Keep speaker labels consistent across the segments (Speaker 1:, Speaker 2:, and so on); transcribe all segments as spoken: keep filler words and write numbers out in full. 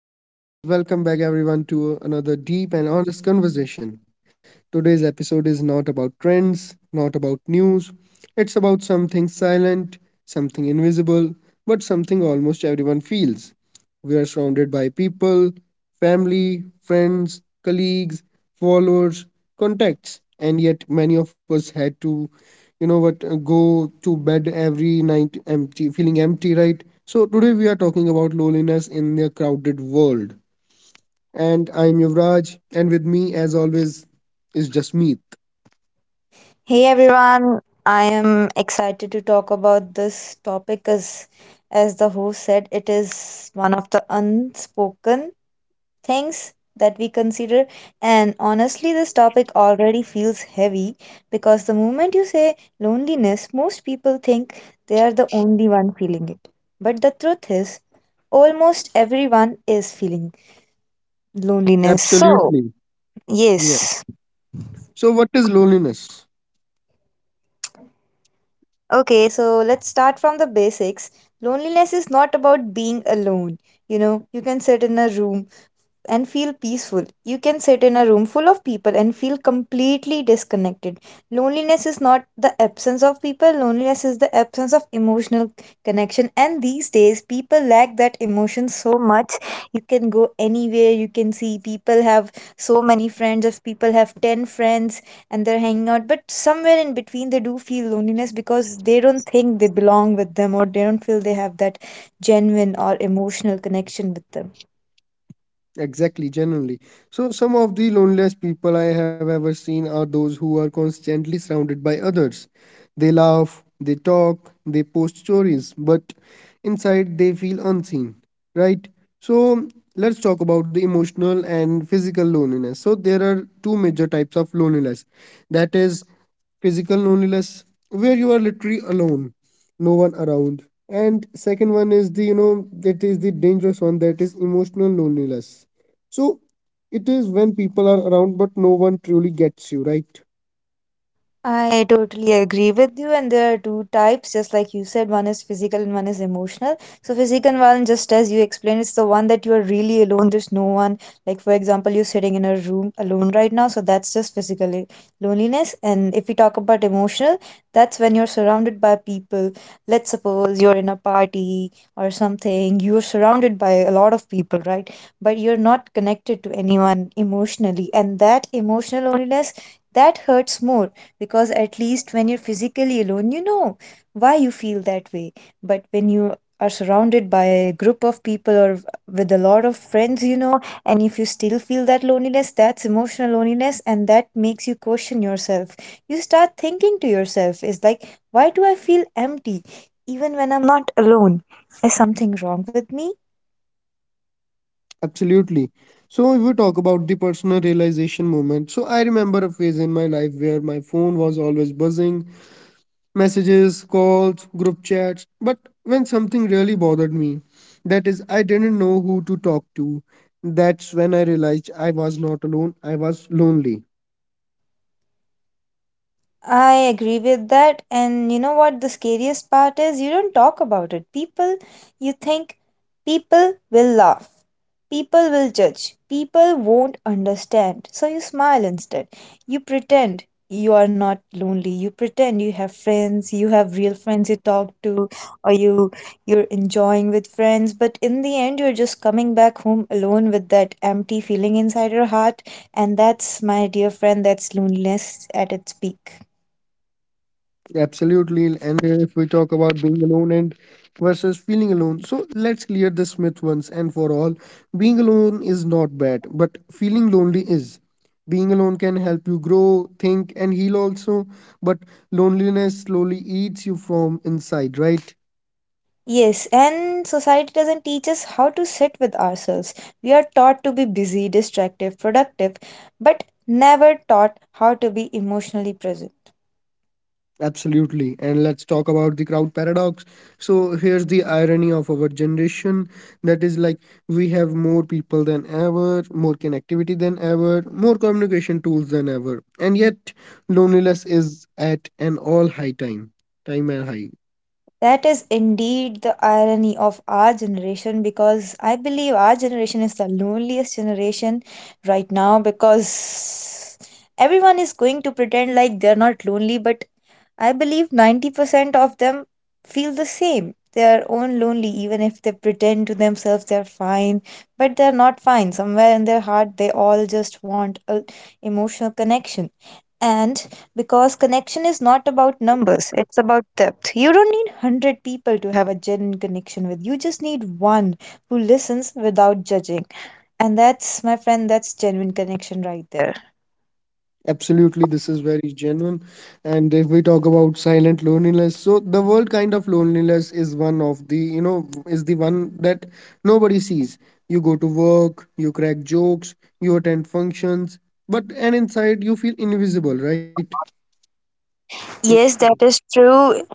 Speaker 1: So, hey guys, welcome back everyone to another deep and honest conversation. Today's episode is not about trends, not about news. It's about something silent, something invisible, but something almost everyone feels. We are surrounded by people, family, friends, colleagues, followers, contacts, and yet many of us had to, you know what, uh, go to bed every night empty, feeling empty, right? So today we are talking about loneliness in a crowded world. And I'm Yuvraj, and with me as always is Jasmeet.
Speaker 2: Hey everyone, I am excited to talk about this topic, as as the host said, it is one of the unspoken things that we consider, and honestly this topic already feels heavy because the moment you say loneliness, most people think they are the only one feeling it. But the truth is, almost everyone is feeling loneliness. So,
Speaker 1: Absolutely. Yeah.
Speaker 2: yes.
Speaker 1: So what is loneliness?
Speaker 2: Okay, so let's start from the basics. Loneliness is not about being alone. You know, you can sit in a room and feel peaceful. You can sit in a room full of people and feel completely disconnected. Loneliness is not the absence of people, loneliness is the absence of emotional connection. And these days, people lack that emotion so much. You can go anywhere, you can see people have so many friends. If people have ten friends and they're hanging out, but somewhere in between, they do feel loneliness because they don't think they belong with them, or they don't feel they have that genuine or emotional connection with them.
Speaker 1: Exactly, genuinely. So, some of the loneliest people I have ever seen are those who are constantly surrounded by others. They laugh, they talk, they post stories, but inside they feel unseen, right? So, let's talk about the emotional and physical loneliness. So, there are two major types of loneliness, that is, physical loneliness, where you are literally alone, no one around, and second one is the, you know, that is the dangerous one, that is emotional loneliness. So it is when people are around but no one truly gets you, right?
Speaker 2: I totally agree with you, and there are two types, just like you said, one is physical and one is emotional. So, physical one, just as you explained, it's the one that you are really alone. There's no one. Like, for example, you're sitting in a room alone right now, so that's just physical loneliness. And if we talk about emotional, that's when you're surrounded by people. Let's suppose you're in a party or something, you're surrounded by a lot of people, right? But you're not connected to anyone emotionally, and that emotional loneliness, that hurts more, because at least when you're physically alone, you know why you feel that way. But when you are surrounded by a group of people or with a lot of friends, you know, and if you still feel that loneliness, that's emotional loneliness, and that makes you question yourself. You start thinking to yourself, is like, why do I feel empty even when I'm not alone? Is something wrong with me?
Speaker 1: Absolutely. So if we talk about the personal realization moment, so I remember a phase in my life where my phone was always buzzing, messages, calls, group chats, but when something really bothered me, that is, I didn't know who to talk to. That's when I realized I was not alone, I was lonely.
Speaker 2: I agree with that. And you know what the scariest part is? You don't talk about it. People, you think people will laugh, people will judge, people won't understand. So you smile instead. You pretend you are not lonely. You pretend you have friends, you have real friends you talk to, or you you're enjoying with friends, but in the end you're just coming back home alone with that empty feeling inside your heart. And that's, my dear friend, that's loneliness at its peak.
Speaker 1: Absolutely. And if we talk about being alone and versus feeling alone, so let's clear this myth once and for all. Being alone is not bad, but feeling lonely is. Being alone can help you grow, think, and heal also, but loneliness slowly eats you from inside, right?
Speaker 2: Yes, and society doesn't teach us how to sit with ourselves. We are taught to be busy, distractive, productive, but never taught how to be emotionally present.
Speaker 1: Absolutely. And let's talk about the crowd paradox. So, here's the irony of our generation, that is, like, we have more people than ever, more connectivity than ever, more communication tools than ever. And yet, loneliness is at an all high time, time and high.
Speaker 2: That is indeed the irony of our generation, because I believe our generation is the loneliest generation right now, because everyone is going to pretend like they're not lonely, but I believe ninety percent of them feel the same. They're own lonely, even if they pretend to themselves they're fine, but they're not fine. Somewhere in their heart, they all just want a emotional connection. And because connection is not about numbers, it's about depth. You don't need one hundred people to have a genuine connection with you, just need one who listens without judging. And that's, my friend, that's genuine connection right there.
Speaker 1: Absolutely, this is very genuine. And if we talk about silent loneliness, so the world kind of loneliness is one of the, you know, is the one that nobody sees. You go to work, you crack jokes, you attend functions, but and inside you feel invisible, right?
Speaker 2: Yes, that is true.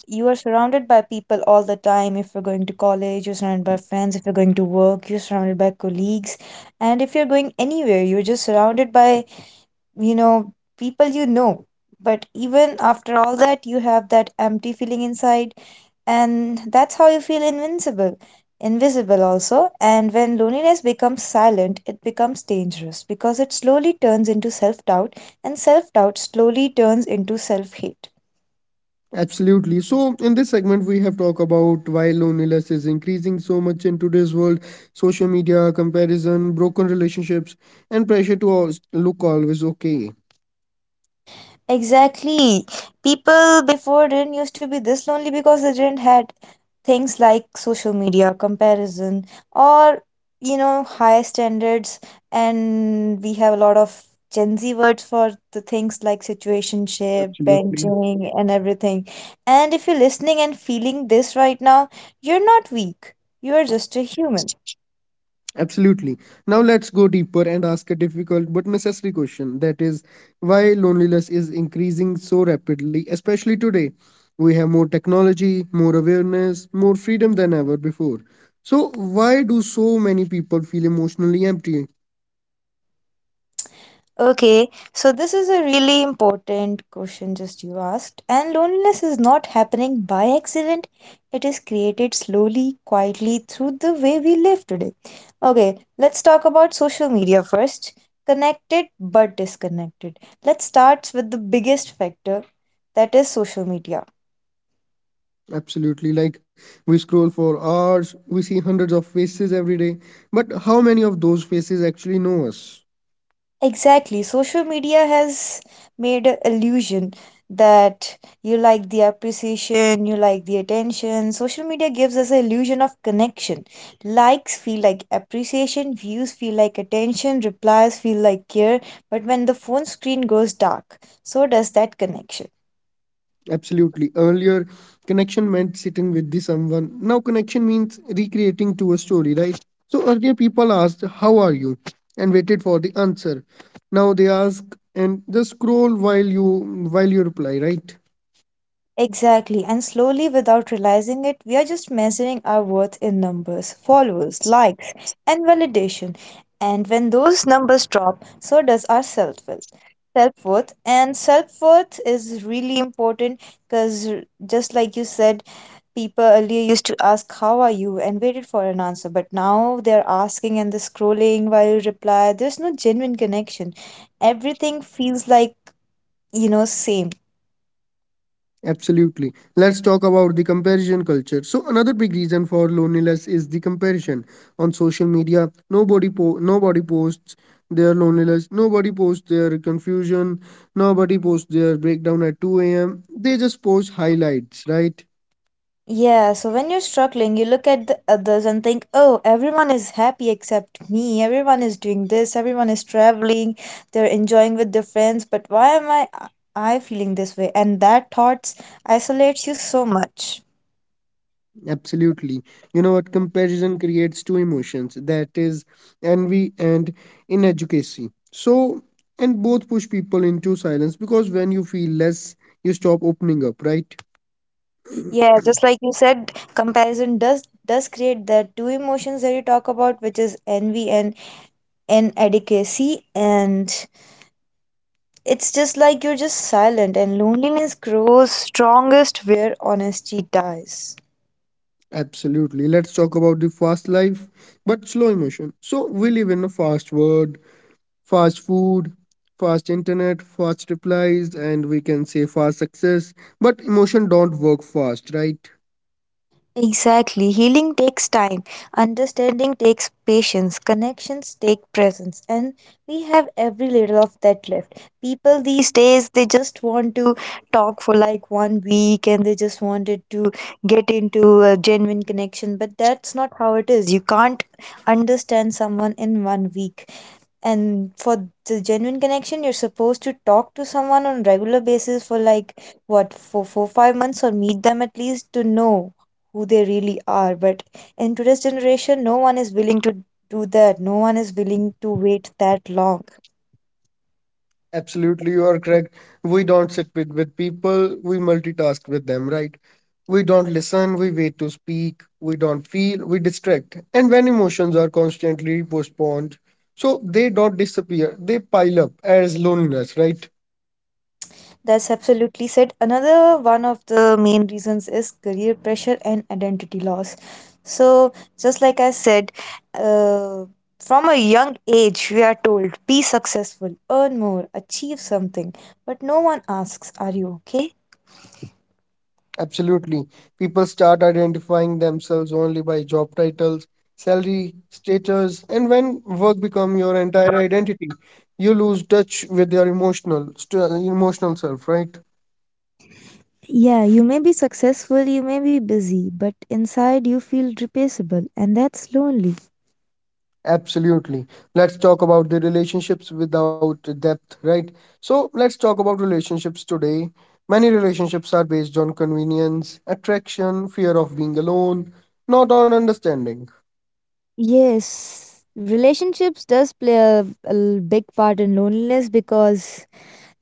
Speaker 2: You are surrounded by people all the time. If you're going to college, you're surrounded by friends. If you're going to work, you're surrounded by colleagues. And if you're going anywhere, you're just surrounded by, you know, people you know. But even after all that, you have that empty feeling inside, and that's how you feel invincible, invisible also. And when loneliness becomes silent, it becomes dangerous, because it slowly turns into self doubt, and self doubt slowly turns into self hate.
Speaker 1: Absolutely. So in this segment, we have talked about why loneliness is increasing so much in today's world, social media, comparison, broken relationships, and pressure to al- look always okay.
Speaker 2: Exactly. People before didn't used to be this lonely because they didn't had things like social media, comparison, or you know, high standards. And we have a lot of Gen Z words for the things like situationship,
Speaker 1: Absolutely.
Speaker 2: benching and everything. And if you're listening and feeling this right now, you're not weak. You are just a human.
Speaker 1: Absolutely. Now let's go deeper and ask a difficult but necessary question, that is, why loneliness is increasing so rapidly, especially today? We have more technology, more awareness, more freedom than ever before. So, why do so many people feel emotionally empty?
Speaker 2: Okay, so this is a really important question just you asked. And loneliness is not happening by accident. It is created slowly, quietly through the way we live today. Okay, let's talk about social media first. Connected but disconnected. Let's start with the biggest factor, that is social media.
Speaker 1: Absolutely. Like, we scroll for hours, we see hundreds of faces every day, but how many of those faces actually know us?
Speaker 2: Exactly. Social media has made an illusion that you like the appreciation, you like the attention. Social media gives us an illusion of connection. Likes feel like appreciation, views feel like attention, replies feel like care. But when the phone screen goes dark, so does that connection.
Speaker 1: Absolutely. Earlier, connection meant sitting with the someone. Now, connection means recreating to a story, right? So, earlier people asked, "How are you?" and waited for the answer. Now they ask and just scroll while you while you reply, right?
Speaker 2: Exactly, and slowly, without realizing it, we are just measuring our worth in numbers, followers, likes, and validation. And when those numbers drop, so does our self will. Self worth, and self worth is really important because, just like you said, people earlier used to ask, "How are you?" and waited for an answer, but now they're asking and they're scrolling while you reply. There's no genuine connection, everything feels like, you know, same.
Speaker 1: Absolutely. Let's talk about the comparison culture. So another big reason for loneliness is the comparison on social media. Nobody po- nobody posts their loneliness. Nobody posts their confusion. Nobody posts their breakdown at two a m. They just post highlights, right?
Speaker 2: Yeah, so when you're struggling, you look at the others and think, oh, everyone is happy except me. Everyone is doing this. Everyone is traveling. They're enjoying with their friends. But why am I, I feeling this way? And that thoughts isolates you so much.
Speaker 1: Absolutely. You know what? Comparison creates two emotions. That is envy and inadequacy. So and both push people into silence because when you feel less, you stop opening up, right?
Speaker 2: Yeah, just like you said, comparison does does create that two emotions that you talk about, which is envy and inadequacy, and it's just like you're just silent, and loneliness grows strongest where honesty dies.
Speaker 1: Absolutely. Let's talk about the fast life, but slow emotion. So we live in a fast world, fast food, fast internet, fast replies, and we can say fast success. But emotion don't work fast, right?
Speaker 2: Exactly. Healing takes time, understanding takes patience, connections take presence, and we have every little of that left. People these days, they just want to talk for like one week and they just wanted to get into a genuine connection, but that's not how it is. You can't understand someone in one week, and for the genuine connection you're supposed to talk to someone on regular basis for like, what, for four five months, or meet them at least to know who they really are. But in today's generation, no one is willing to do that. No one is willing to wait that long.
Speaker 1: Absolutely, you are correct. We don't sit with, with people, we multitask with them, right? We don't listen, we wait to speak, we don't feel, we distract. And when emotions are constantly postponed, so they don't disappear, they pile up as loneliness, right?
Speaker 2: That's absolutely said. Another one of the main reasons is career pressure and identity loss. So, just like I said, uh, from a young age, we are told be successful, earn more, achieve something. But no one asks, are you okay?
Speaker 1: Absolutely. People start identifying themselves only by job titles, salary, status, and when work become your entire identity, you lose touch with your emotional st- emotional self, right?
Speaker 2: Yeah, you may be successful, you may be busy, but inside you feel replaceable, and that's lonely.
Speaker 1: Absolutely. Let's talk about the relationships without depth, right? So, let's talk about relationships today. Many relationships are based on convenience, attraction, fear of being alone, not on understanding.
Speaker 2: Yes, relationships does play a, a l- big part in loneliness because,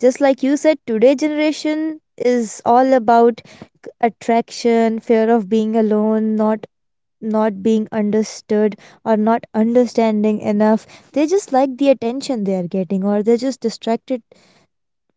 Speaker 2: just like you said, today generation is all about c- attraction, fear of being alone, not not being understood or not understanding enough. They just like the attention they are getting, or they're just distracted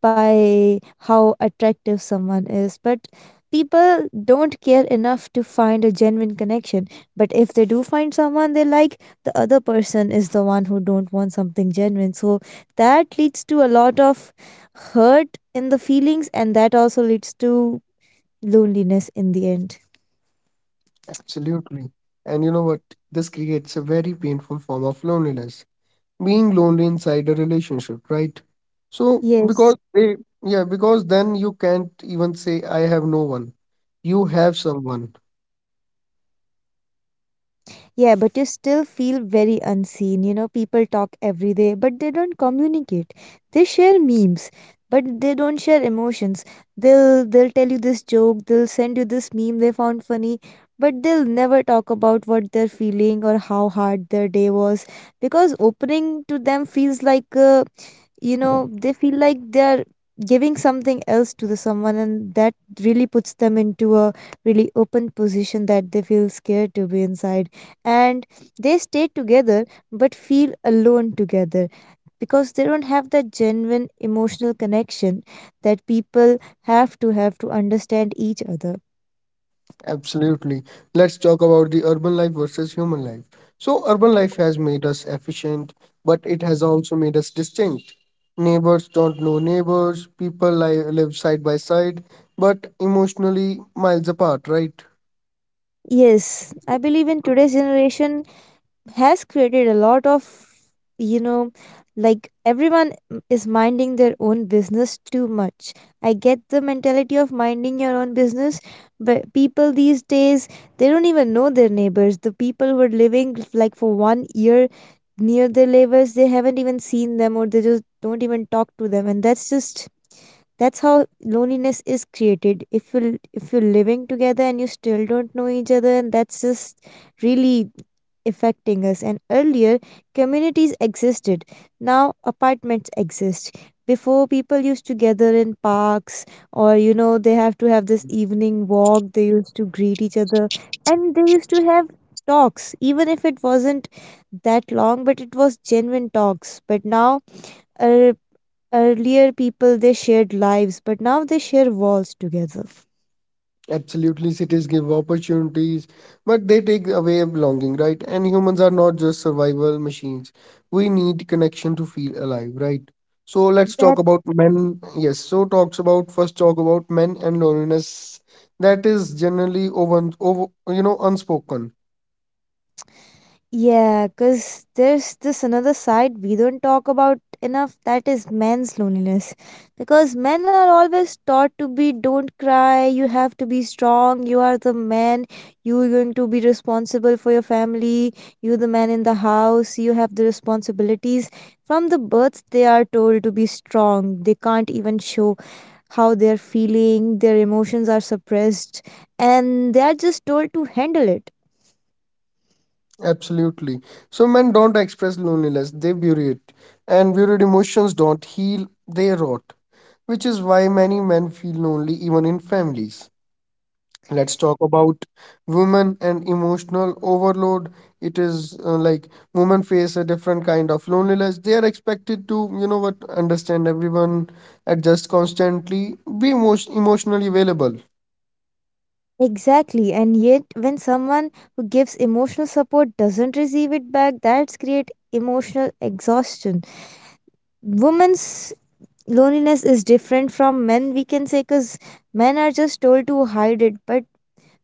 Speaker 2: by how attractive someone is, but people don't care enough to find a genuine connection. But if they do find someone they like, the other person is the one who don't want something genuine. So that leads to a lot of hurt in the feelings, and that also leads to loneliness in the end.
Speaker 1: Absolutely. And you know what? This creates a very painful form of loneliness. Being lonely inside a relationship, right? So, because
Speaker 2: Yes.
Speaker 1: they, yeah, because then you can't even say, I have no one. You have someone.
Speaker 2: Yeah, but you still feel very unseen. You know, people talk every day, but they don't communicate. They share memes, but they don't share emotions. They'll they'll tell you this joke, they'll send you this meme they found funny, but they'll never talk about what they're feeling or how hard their day was, because opening to them feels like uh, you know, they feel like they're giving something else to the someone, and that really puts them into a really open position that they feel scared to be inside, and they stay together but feel alone together, because they don't have that genuine emotional connection that people have to have to understand each other.
Speaker 1: Absolutely. Let's talk about the urban life versus human life. So, urban life has made us efficient, but it has also made us distinct. Neighbors don't know neighbors, people li live side by side, but emotionally miles apart, right?
Speaker 2: Yes, I believe in today's generation has created a lot of, you know, like everyone is minding their own business too much. I get the mentality of minding your own business, but people these days, they don't even know their neighbors. The people who are living like for one year near their neighbors, they haven't even seen them, or they just don't even talk to them. And that's just that's how loneliness is created. If you if you're living together and you still don't know each other, and that's just really affecting us. And earlier, communities existed. Now, apartments exist. Before, people used to gather in parks, or you know, they have to have this evening walk. They used to greet each other, and they used to have talks, even if it wasn't that long, but it was genuine talks. But now, uh, earlier people, they shared lives, but now they share walls together.
Speaker 1: Absolutely, cities give opportunities, but they take away belonging, right? And humans are not just survival machines. We need connection to feel alive, right? So let's talk
Speaker 2: That.
Speaker 1: about men. Yes, so talks about first talk about men and loneliness. That is generally over, over you know, unspoken.
Speaker 2: Yeah, because there's this another side we don't talk about enough, that is men's loneliness. Because men are always taught to be don't cry, you have to be strong, you are the man, you are going to be responsible for your family, you're the man in the house, you have the responsibilities. From the birth, they are told to be strong, they can't even show how they're feeling, their emotions are suppressed, and they are just told to handle it.
Speaker 1: Absolutely. So men don't express loneliness; they bury it, and buried emotions don't heal; they rot, which is why many men feel lonely even in families. Let's talk about women and emotional overload. It is, uh, like, women face a different kind of loneliness. They are expected to, you know what, understand everyone, adjust constantly, be most emotionally available.
Speaker 2: Exactly, and yet when someone who gives emotional support doesn't receive it back, that's create emotional exhaustion. Women's loneliness is different from men, we can say, because men are just told to hide it. But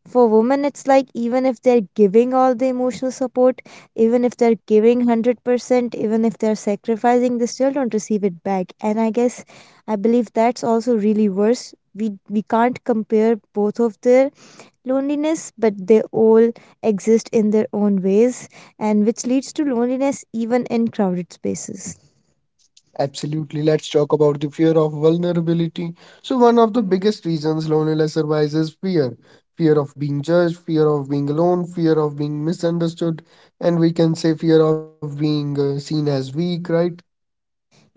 Speaker 2: for women, it's like even if they're giving all the emotional support, even if they're giving one hundred percent, even if they're sacrificing, they still don't receive it back. And I guess I believe that's also really worse. We, we can't compare both of their loneliness, but they all exist in their own ways, and which leads to loneliness even in crowded spaces.
Speaker 1: Absolutely. Let's talk about the fear of vulnerability. So, one of the biggest reasons loneliness survives is fear, fear of being judged, fear of being alone, fear of being misunderstood, and we can say fear of being uh, seen as weak, right?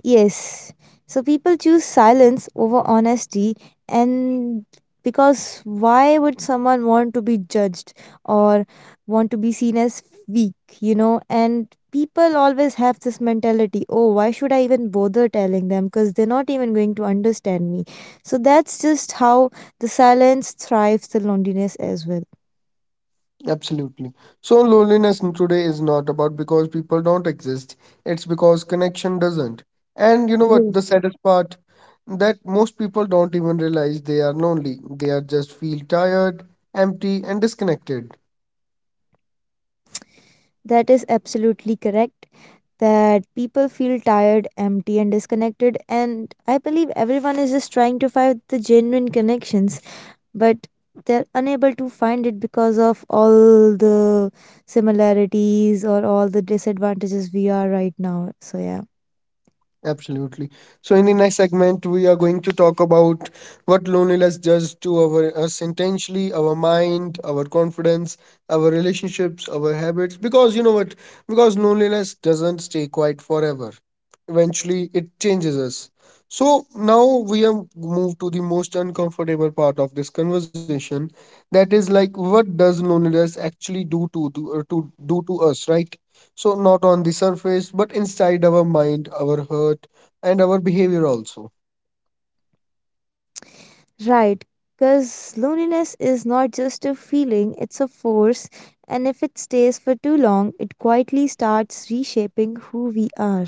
Speaker 2: Yes. So people choose silence over honesty and because why would someone want to be judged or want to be seen as weak, you know? And people always have this mentality, oh, why should I even bother telling them because they're not even going to understand me. So that's just how the silence thrives the loneliness as well.
Speaker 1: Absolutely. So loneliness in today is not about because people don't exist. It's because connection doesn't. And you know what? The saddest part that most people don't even realize they are lonely. They are just feel tired, empty, and disconnected.
Speaker 2: That is absolutely correct. That people feel tired, empty, and disconnected. And I believe everyone is just trying to find the genuine connections, but they're unable to find it because of all the similarities or all the disadvantages we are right now. So, yeah.
Speaker 1: Absolutely. So, in the next segment, we are going to talk about what loneliness does to our us intentionally, our mind, our confidence, our relationships, our habits. Because you know what? Because loneliness doesn't stay quiet forever. Eventually, it changes us. So now we have moved to the most uncomfortable part of this conversation. That is, like, what does loneliness actually do to to, uh, to do to us, right? So, not on the surface, but inside our mind, our heart, and our behavior also.
Speaker 2: Right. Because loneliness is not just a feeling, it's a force. And if it stays for too long, it quietly starts reshaping who we are.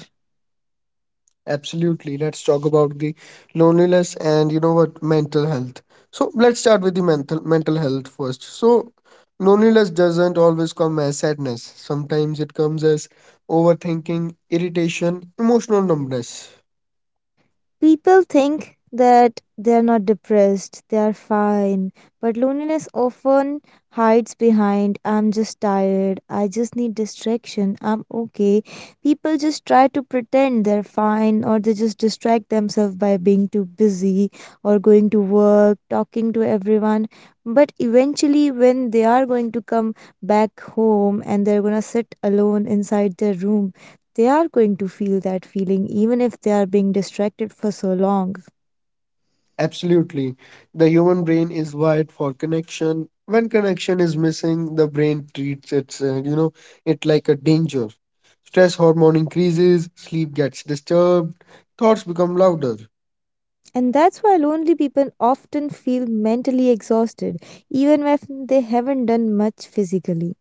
Speaker 1: Absolutely. Let's talk about the loneliness and, you know what, mental health. So, let's start with the mental mental health first. So, loneliness doesn't always come as sadness. Sometimes it comes as overthinking, irritation, emotional numbness.
Speaker 2: People think that they're not depressed, they are fine, but loneliness often hides behind I'm just tired, I just need distraction, I'm okay. People just try to pretend they're fine or they just distract themselves by being too busy or going to work, talking to everyone. But eventually, when they are going to come back home and they're gonna sit alone inside their room, they are going to feel that feeling even if they are being distracted for so long.
Speaker 1: Absolutely. The human brain is wired for connection. When connection is missing, the brain treats it, uh, you know, it like a danger. Stress hormone increases, sleep gets disturbed, thoughts become louder.
Speaker 2: And that's why lonely people often feel mentally exhausted, even when they haven't done much physically.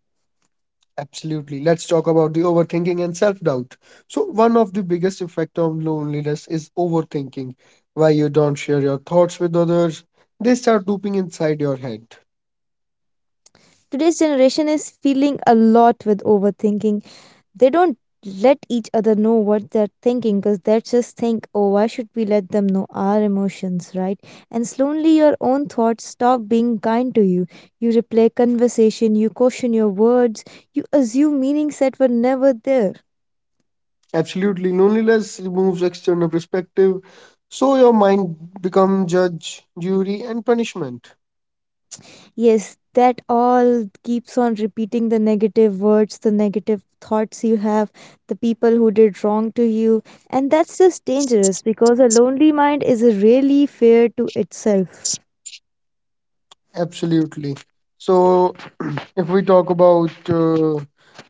Speaker 1: Absolutely. Let's talk about the overthinking and self-doubt. So one of the biggest effect of loneliness is overthinking. Why you don't share your thoughts with others, they start looping inside your head.
Speaker 2: Today's generation is feeling a lot with overthinking they don't let each other know what they're thinking because they just think, oh, why should we let them know our emotions, right? And slowly your own thoughts stop being kind to you. You replay conversation, you caution your words, you assume meanings that were never there.
Speaker 1: Absolutely. Loneliness removes external perspective, so your mind become judge, jury, and punishment.
Speaker 2: Yes, that all keeps on repeating the negative words, the negative thoughts you have, the people who did wrong to you. And that's just dangerous because a lonely mind is really fair to itself.
Speaker 1: Absolutely. So, if we talk about uh,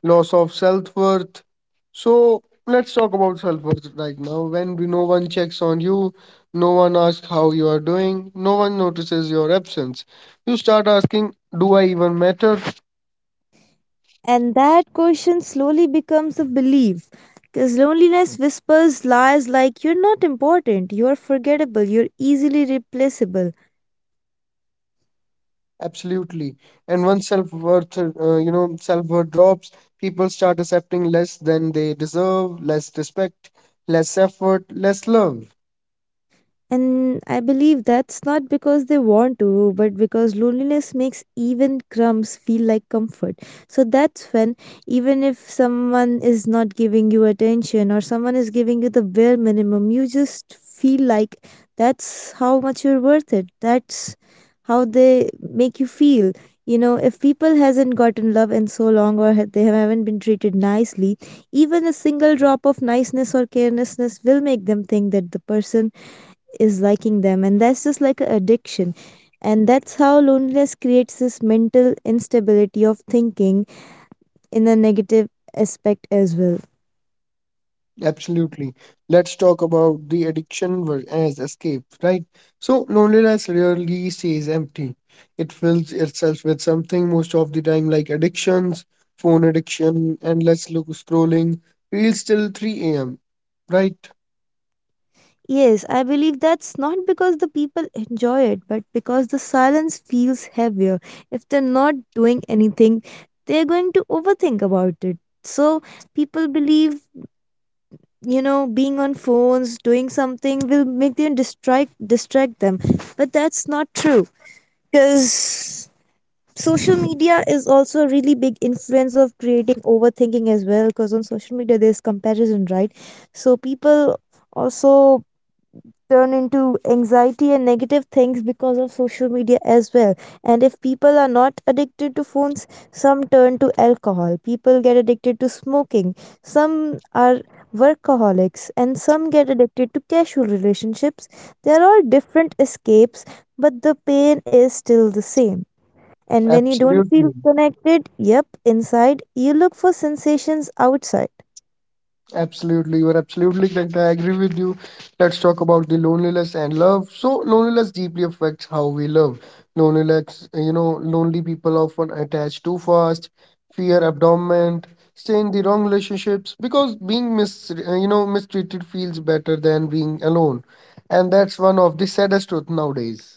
Speaker 1: loss of self worth, so let's talk about self worth right now. When we- no one checks on you, no one asks how you are doing, no one notices your absence. You start asking, "Do I even matter?"
Speaker 2: And that question slowly becomes a belief. Because loneliness whispers lies like you're not important, you're forgettable, you're easily replaceable.
Speaker 1: Absolutely. And once self-worth, uh, you know, self-worth drops, people start accepting less than they deserve, less respect, less effort, less love.
Speaker 2: And I believe that's not because they want to, but because loneliness makes even crumbs feel like comfort. So that's when, even if someone is not giving you attention or someone is giving you the bare minimum, you just feel like that's how much you're worth it. That's how they make you feel. You know, if people hasn't gotten love in so long or ha- they haven't been treated nicely, even a single drop of niceness or carelessness will make them think that the person is liking them and that's just like an addiction, and that's how loneliness creates this mental instability of thinking in a negative aspect as well.
Speaker 1: Absolutely. Let's talk about the addiction ver- as escape, right? So loneliness rarely stays empty. It fills itself with something most of the time, like addictions, phone addiction, endless look scrolling, reels till three a m, right?
Speaker 2: Yes, I believe that's not because the people enjoy it but because the silence feels heavier if they're not doing anything they're going to overthink about it. So people believe, you know, being on phones doing something will make them distract distract them, but that's not true because social media is also a really big influence of creating overthinking as well because on social media there's comparison, right? So people also turn into anxiety and negative things because of social media as well. And if people are not addicted to phones, some turn to alcohol, people get addicted to smoking, some are workaholics, and some get addicted to casual relationships. They are all different escapes, but the pain is still the same. And when you don't feel
Speaker 1: Absolutely.
Speaker 2: connected, yep, inside, you look for sensations outside.
Speaker 1: Absolutely, you are absolutely correct. I agree with you. Let's talk about the loneliness and love. So, loneliness deeply affects how we love. Loneliness, you know, lonely people often attach too fast, fear abandonment, stay in the wrong relationships because being mis, uh, you know, mistreated feels better than being alone, and that's one of the saddest truth nowadays.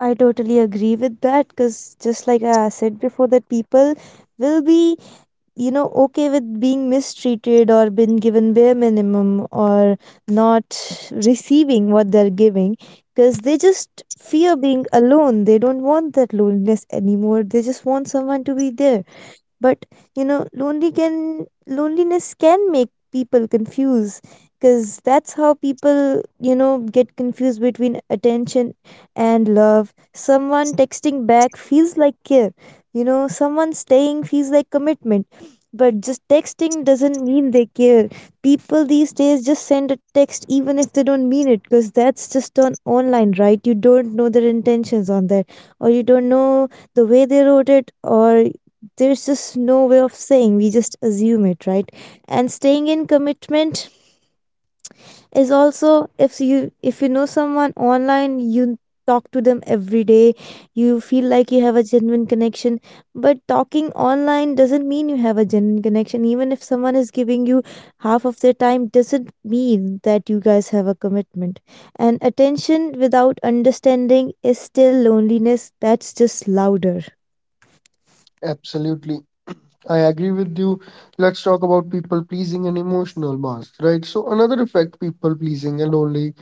Speaker 2: I totally agree with that because just like I said before, that people will be, you know, okay with being mistreated or being given bare minimum or not receiving what they're giving because they just fear being alone. They don't want that loneliness anymore. They just want someone to be there. But you know lonely can loneliness can make people confuse, because that's how people, you know, get confused between attention and love. Someone texting back feels like care, you know, someone staying feels like commitment, but just texting doesn't mean they care. People these days just send a text even if they don't mean it because that's just on online, right? You don't know their intentions on there, or you don't know the way they wrote it, or there's just no way of saying, we just assume it, right? And staying in commitment is also, if you if you know someone online, you talk to them every day, you feel like you have a genuine connection, but talking online doesn't mean you have a genuine connection. Even if someone is giving you half of their time doesn't mean that you guys have a commitment. And attention without understanding is still loneliness, that's just louder.
Speaker 1: Absolutely. I agree with you. Let's talk about people pleasing and emotional mask, right? So another effect, people pleasing and lonely.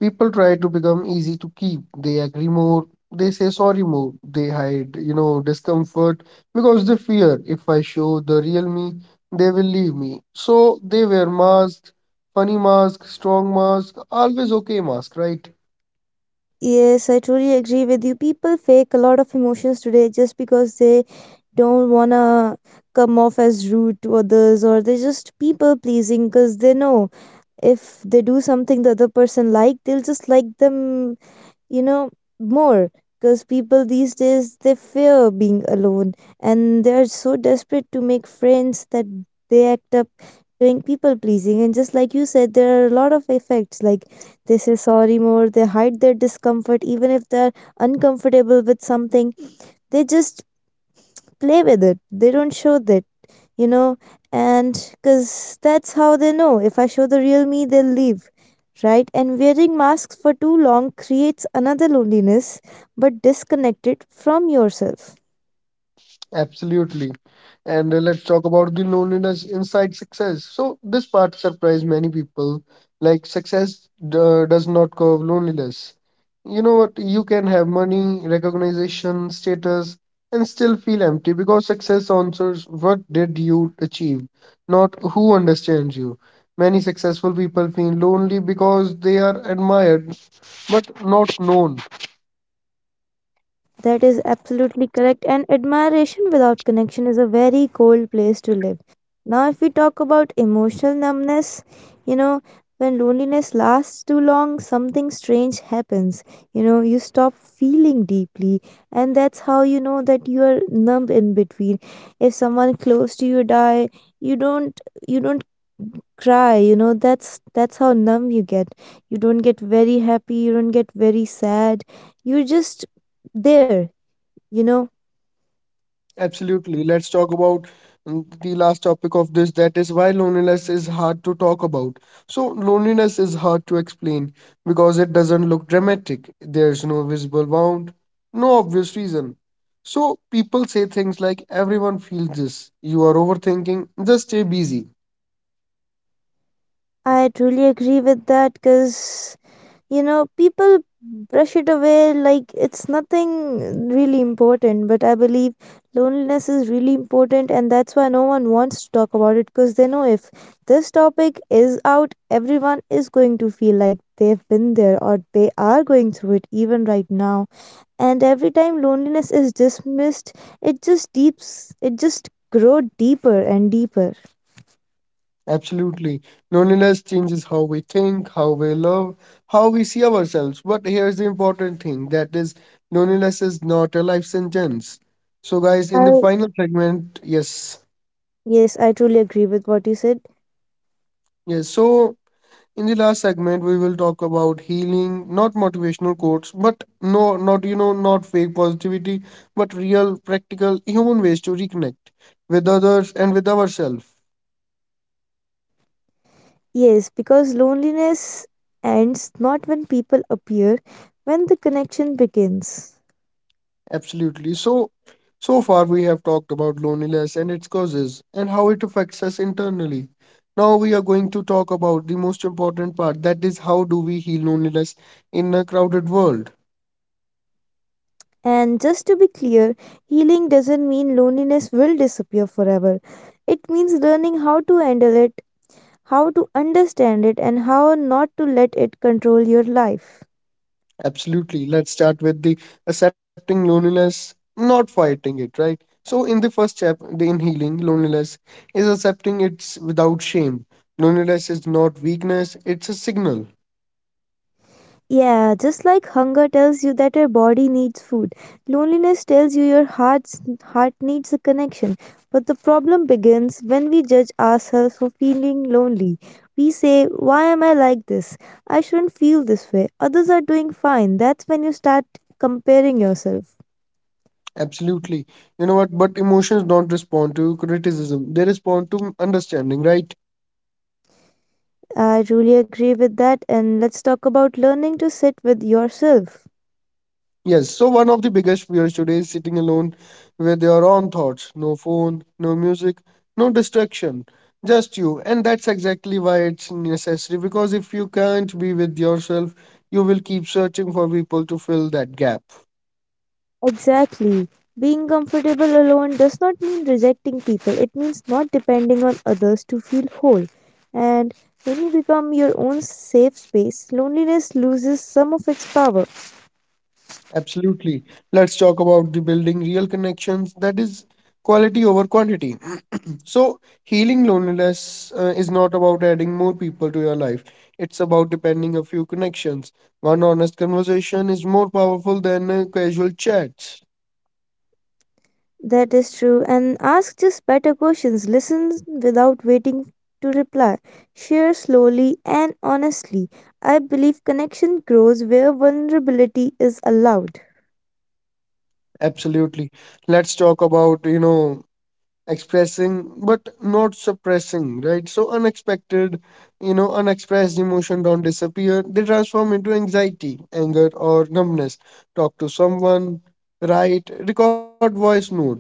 Speaker 1: People try to become easy to keep. They agree more. They say sorry more. They hide, you know, discomfort because they fear if I show the real me, they will leave me. So they wear masks, funny mask, strong mask, always okay mask, right?
Speaker 2: Yes, I truly agree with you. People fake a lot of emotions today just because they don't want to come off as rude to others, or they're just people pleasing because they know if they do something the other person like, they'll just like them, you know, more, because people these days they fear being alone and they're so desperate to make friends that they act up doing people pleasing. And just like you said, there are a lot of effects, like they say sorry more, they hide their discomfort even if they're uncomfortable with something, they just play with it, they don't show that, you know, and because that's how they know. If I show the real me, they'll leave, right? And wearing masks for too long creates another loneliness, but disconnected from yourself.
Speaker 1: Absolutely. And uh, let's talk about the loneliness inside success. So, this part surprised many people. Like, success uh, does not curve loneliness. You know what? You can have money, recognition, status, and still feel empty because success answers what did you achieve, not who understands you. Many successful people feel lonely because they are admired but not known.
Speaker 2: That is absolutely correct. And admiration without connection is a very cold place to live. Now, if we talk about emotional numbness, you know, when loneliness lasts too long, something strange happens. You know, you stop feeling deeply, and that's how you know that you are numb in between. If someone close to you die, you don't you don't cry. You know, that's that's how numb you get. You don't get very happy. You don't get very sad. You're just there, you know.
Speaker 1: Absolutely. Let's talk about mm, the last topic of this that is why loneliness is hard to talk about. So, loneliness is hard to explain because it doesn't look dramatic. There's no visible wound, no obvious reason. So, people say things like, everyone feels this, you are overthinking, just stay busy.
Speaker 2: I truly agree with that because, you know, people brush it away like it's nothing really important. But I believe loneliness is really important, and that's why no one wants to talk about it because they know if this topic is out, everyone is going to feel like they've been there or they are going through it even right now. And every time loneliness is dismissed, it just deeps, it just grow deeper and deeper.
Speaker 1: Absolutely. Loneliness changes how we think, how we love, how we see ourselves. But here's the important thing that is, loneliness is not a life sentence. So, guys, in the
Speaker 2: I
Speaker 1: final segment, yes,
Speaker 2: Yes, I truly agree with what you said.
Speaker 1: yes. So, in the last segment, we will talk about healing, not motivational quotes, but no, not, you know, not fake positivity, but real, practical, human ways to reconnect with others and with ourselves.
Speaker 2: Yes, because loneliness ends not when people appear, when the connection begins.
Speaker 1: Absolutely. So, so far we have talked about loneliness and its causes and how it affects us internally. Now we are going to talk about the most important part, that is how do we heal loneliness in a crowded world?
Speaker 2: And just to be clear, healing doesn't mean loneliness will disappear forever. It means learning how to handle it, how to understand it, and how not to let it control your life.
Speaker 1: Absolutely. Let's start with the accepting loneliness, not fighting it, right? So in the first step, the in healing loneliness is accepting it without shame. Loneliness is not weakness, it's a signal.
Speaker 2: Yeah, just like hunger tells you that your body needs food, loneliness tells you your heart's heart needs a connection. But the problem begins when we judge ourselves for feeling lonely. We say, "Why am I like this? I shouldn't feel this way. Others are doing fine." That's when you start comparing yourself.
Speaker 1: Absolutely. You know what? But emotions don't respond to criticism. They respond to understanding, right?
Speaker 2: I truly agree with that, and let's talk about learning to sit with yourself.
Speaker 1: Yes. So one of the biggest fears today is sitting alone with your own thoughts. No phone, no music, no distraction. Just you. And that's exactly why it's necessary because if you can't be with yourself, you will keep searching for people to fill that gap.
Speaker 2: Exactly. Being comfortable alone does not mean rejecting people, it means not depending on others to feel whole. And when you become your own safe space, loneliness loses some of its power.
Speaker 1: Absolutely. Let's talk about the building real connections. That is quality over quantity. So, healing loneliness uh, is not about adding more people to your life. It's about depending a few connections. One honest conversation is more powerful than uh, casual chats.
Speaker 2: That is true. And ask just better questions. Listen without waiting to reply. Share slowly and honestly. I believe connection grows where vulnerability is allowed.
Speaker 1: Absolutely. Let's talk about, you know, expressing but not suppressing, right? So, unexpected, you know, unexpressed emotion don't disappear. They transform into anxiety, anger, or numbness. Talk to someone, write, record voice notes,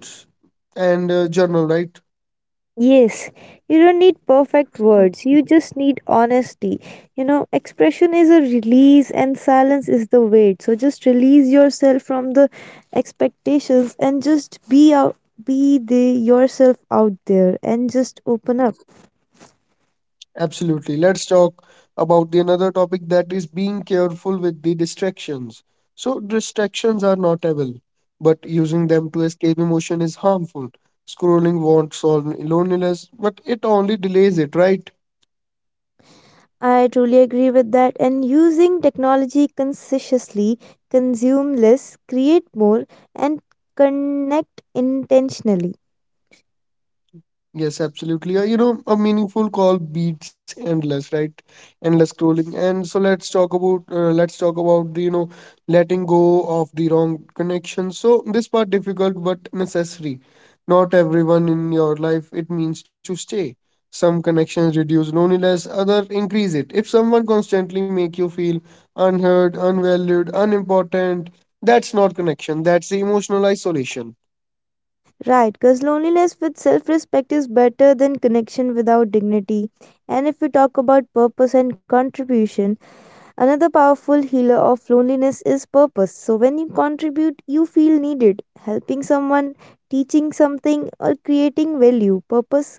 Speaker 1: and uh, journal, right?
Speaker 2: Yes, you don't need perfect words, you just need honesty. You know, expression is a release, and silence is the weight. So just release yourself from the expectations and just be out, be the yourself out there and just open up.
Speaker 1: Absolutely. Let's talk about the another topic that is being careful with the distractions. So distractions are not evil, but using them to escape emotion is harmful. Scrolling won't solve loneliness, but it only delays it, right?
Speaker 2: I truly agree with that. And using technology consciously, consume less, create more, and connect intentionally.
Speaker 1: Yes, absolutely. Uh, you know, a meaningful call beats endless, right? Endless scrolling. And so let's talk about uh, let's talk about you know letting go of the wrong connection. So this part difficult but necessary. Not everyone in your life it means to stay. Some connections reduce loneliness, other increase it. If someone constantly make you feel unheard, unvalued, unimportant, that's not connection. That's the emotional isolation.
Speaker 2: Right, because loneliness with self respect is better than connection without dignity. And if we talk about purpose and contribution, another powerful healer of loneliness is purpose. So, when you contribute, you feel needed. Helping someone, teaching something, or creating value, purpose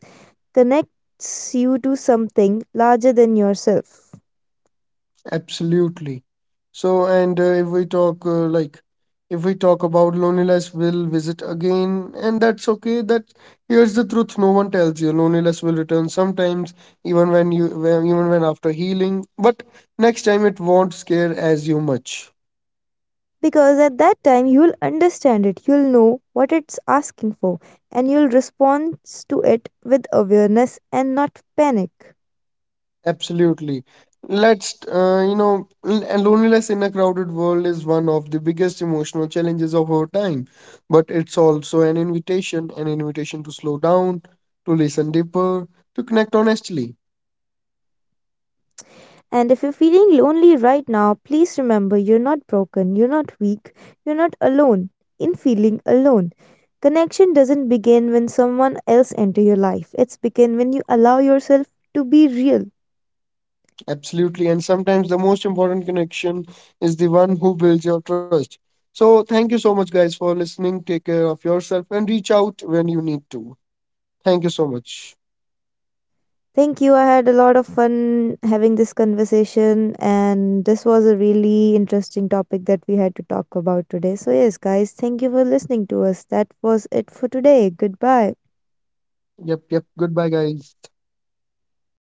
Speaker 2: connects you to something larger than yourself.
Speaker 1: Absolutely. So, and uh, if we talk uh, like if we talk about loneliness, will visit again, and that's okay. That here's the truth: no one tells you loneliness will return sometimes, even when you when, even when after healing. But next time, it won't scare as you much.
Speaker 2: Because at that time you'll understand it, you'll know what it's asking for, and you'll respond to it with awareness and not panic.
Speaker 1: Absolutely. Let's, uh, you know, l- and loneliness in a crowded world is one of the biggest emotional challenges of our time. But it's also an invitation, an invitation to slow down, to listen deeper, to connect honestly.
Speaker 2: And if you're feeling lonely right now, please remember you're not broken, you're not weak, you're not alone in feeling alone. Connection doesn't begin when someone else enter your life, it's begin when you allow yourself to be real.
Speaker 1: Absolutely. And sometimes the most important connection is the one who builds your trust. So thank you so much, guys, for listening. Take care of yourself and reach out when you need to. Thank you so much.
Speaker 2: Thank you. I had a lot of fun having this conversation, and this was a really interesting topic that we had to talk about today. So, yes, guys, thank you for listening to us. That was it for today. Goodbye.
Speaker 1: Yep, yep. Goodbye, guys.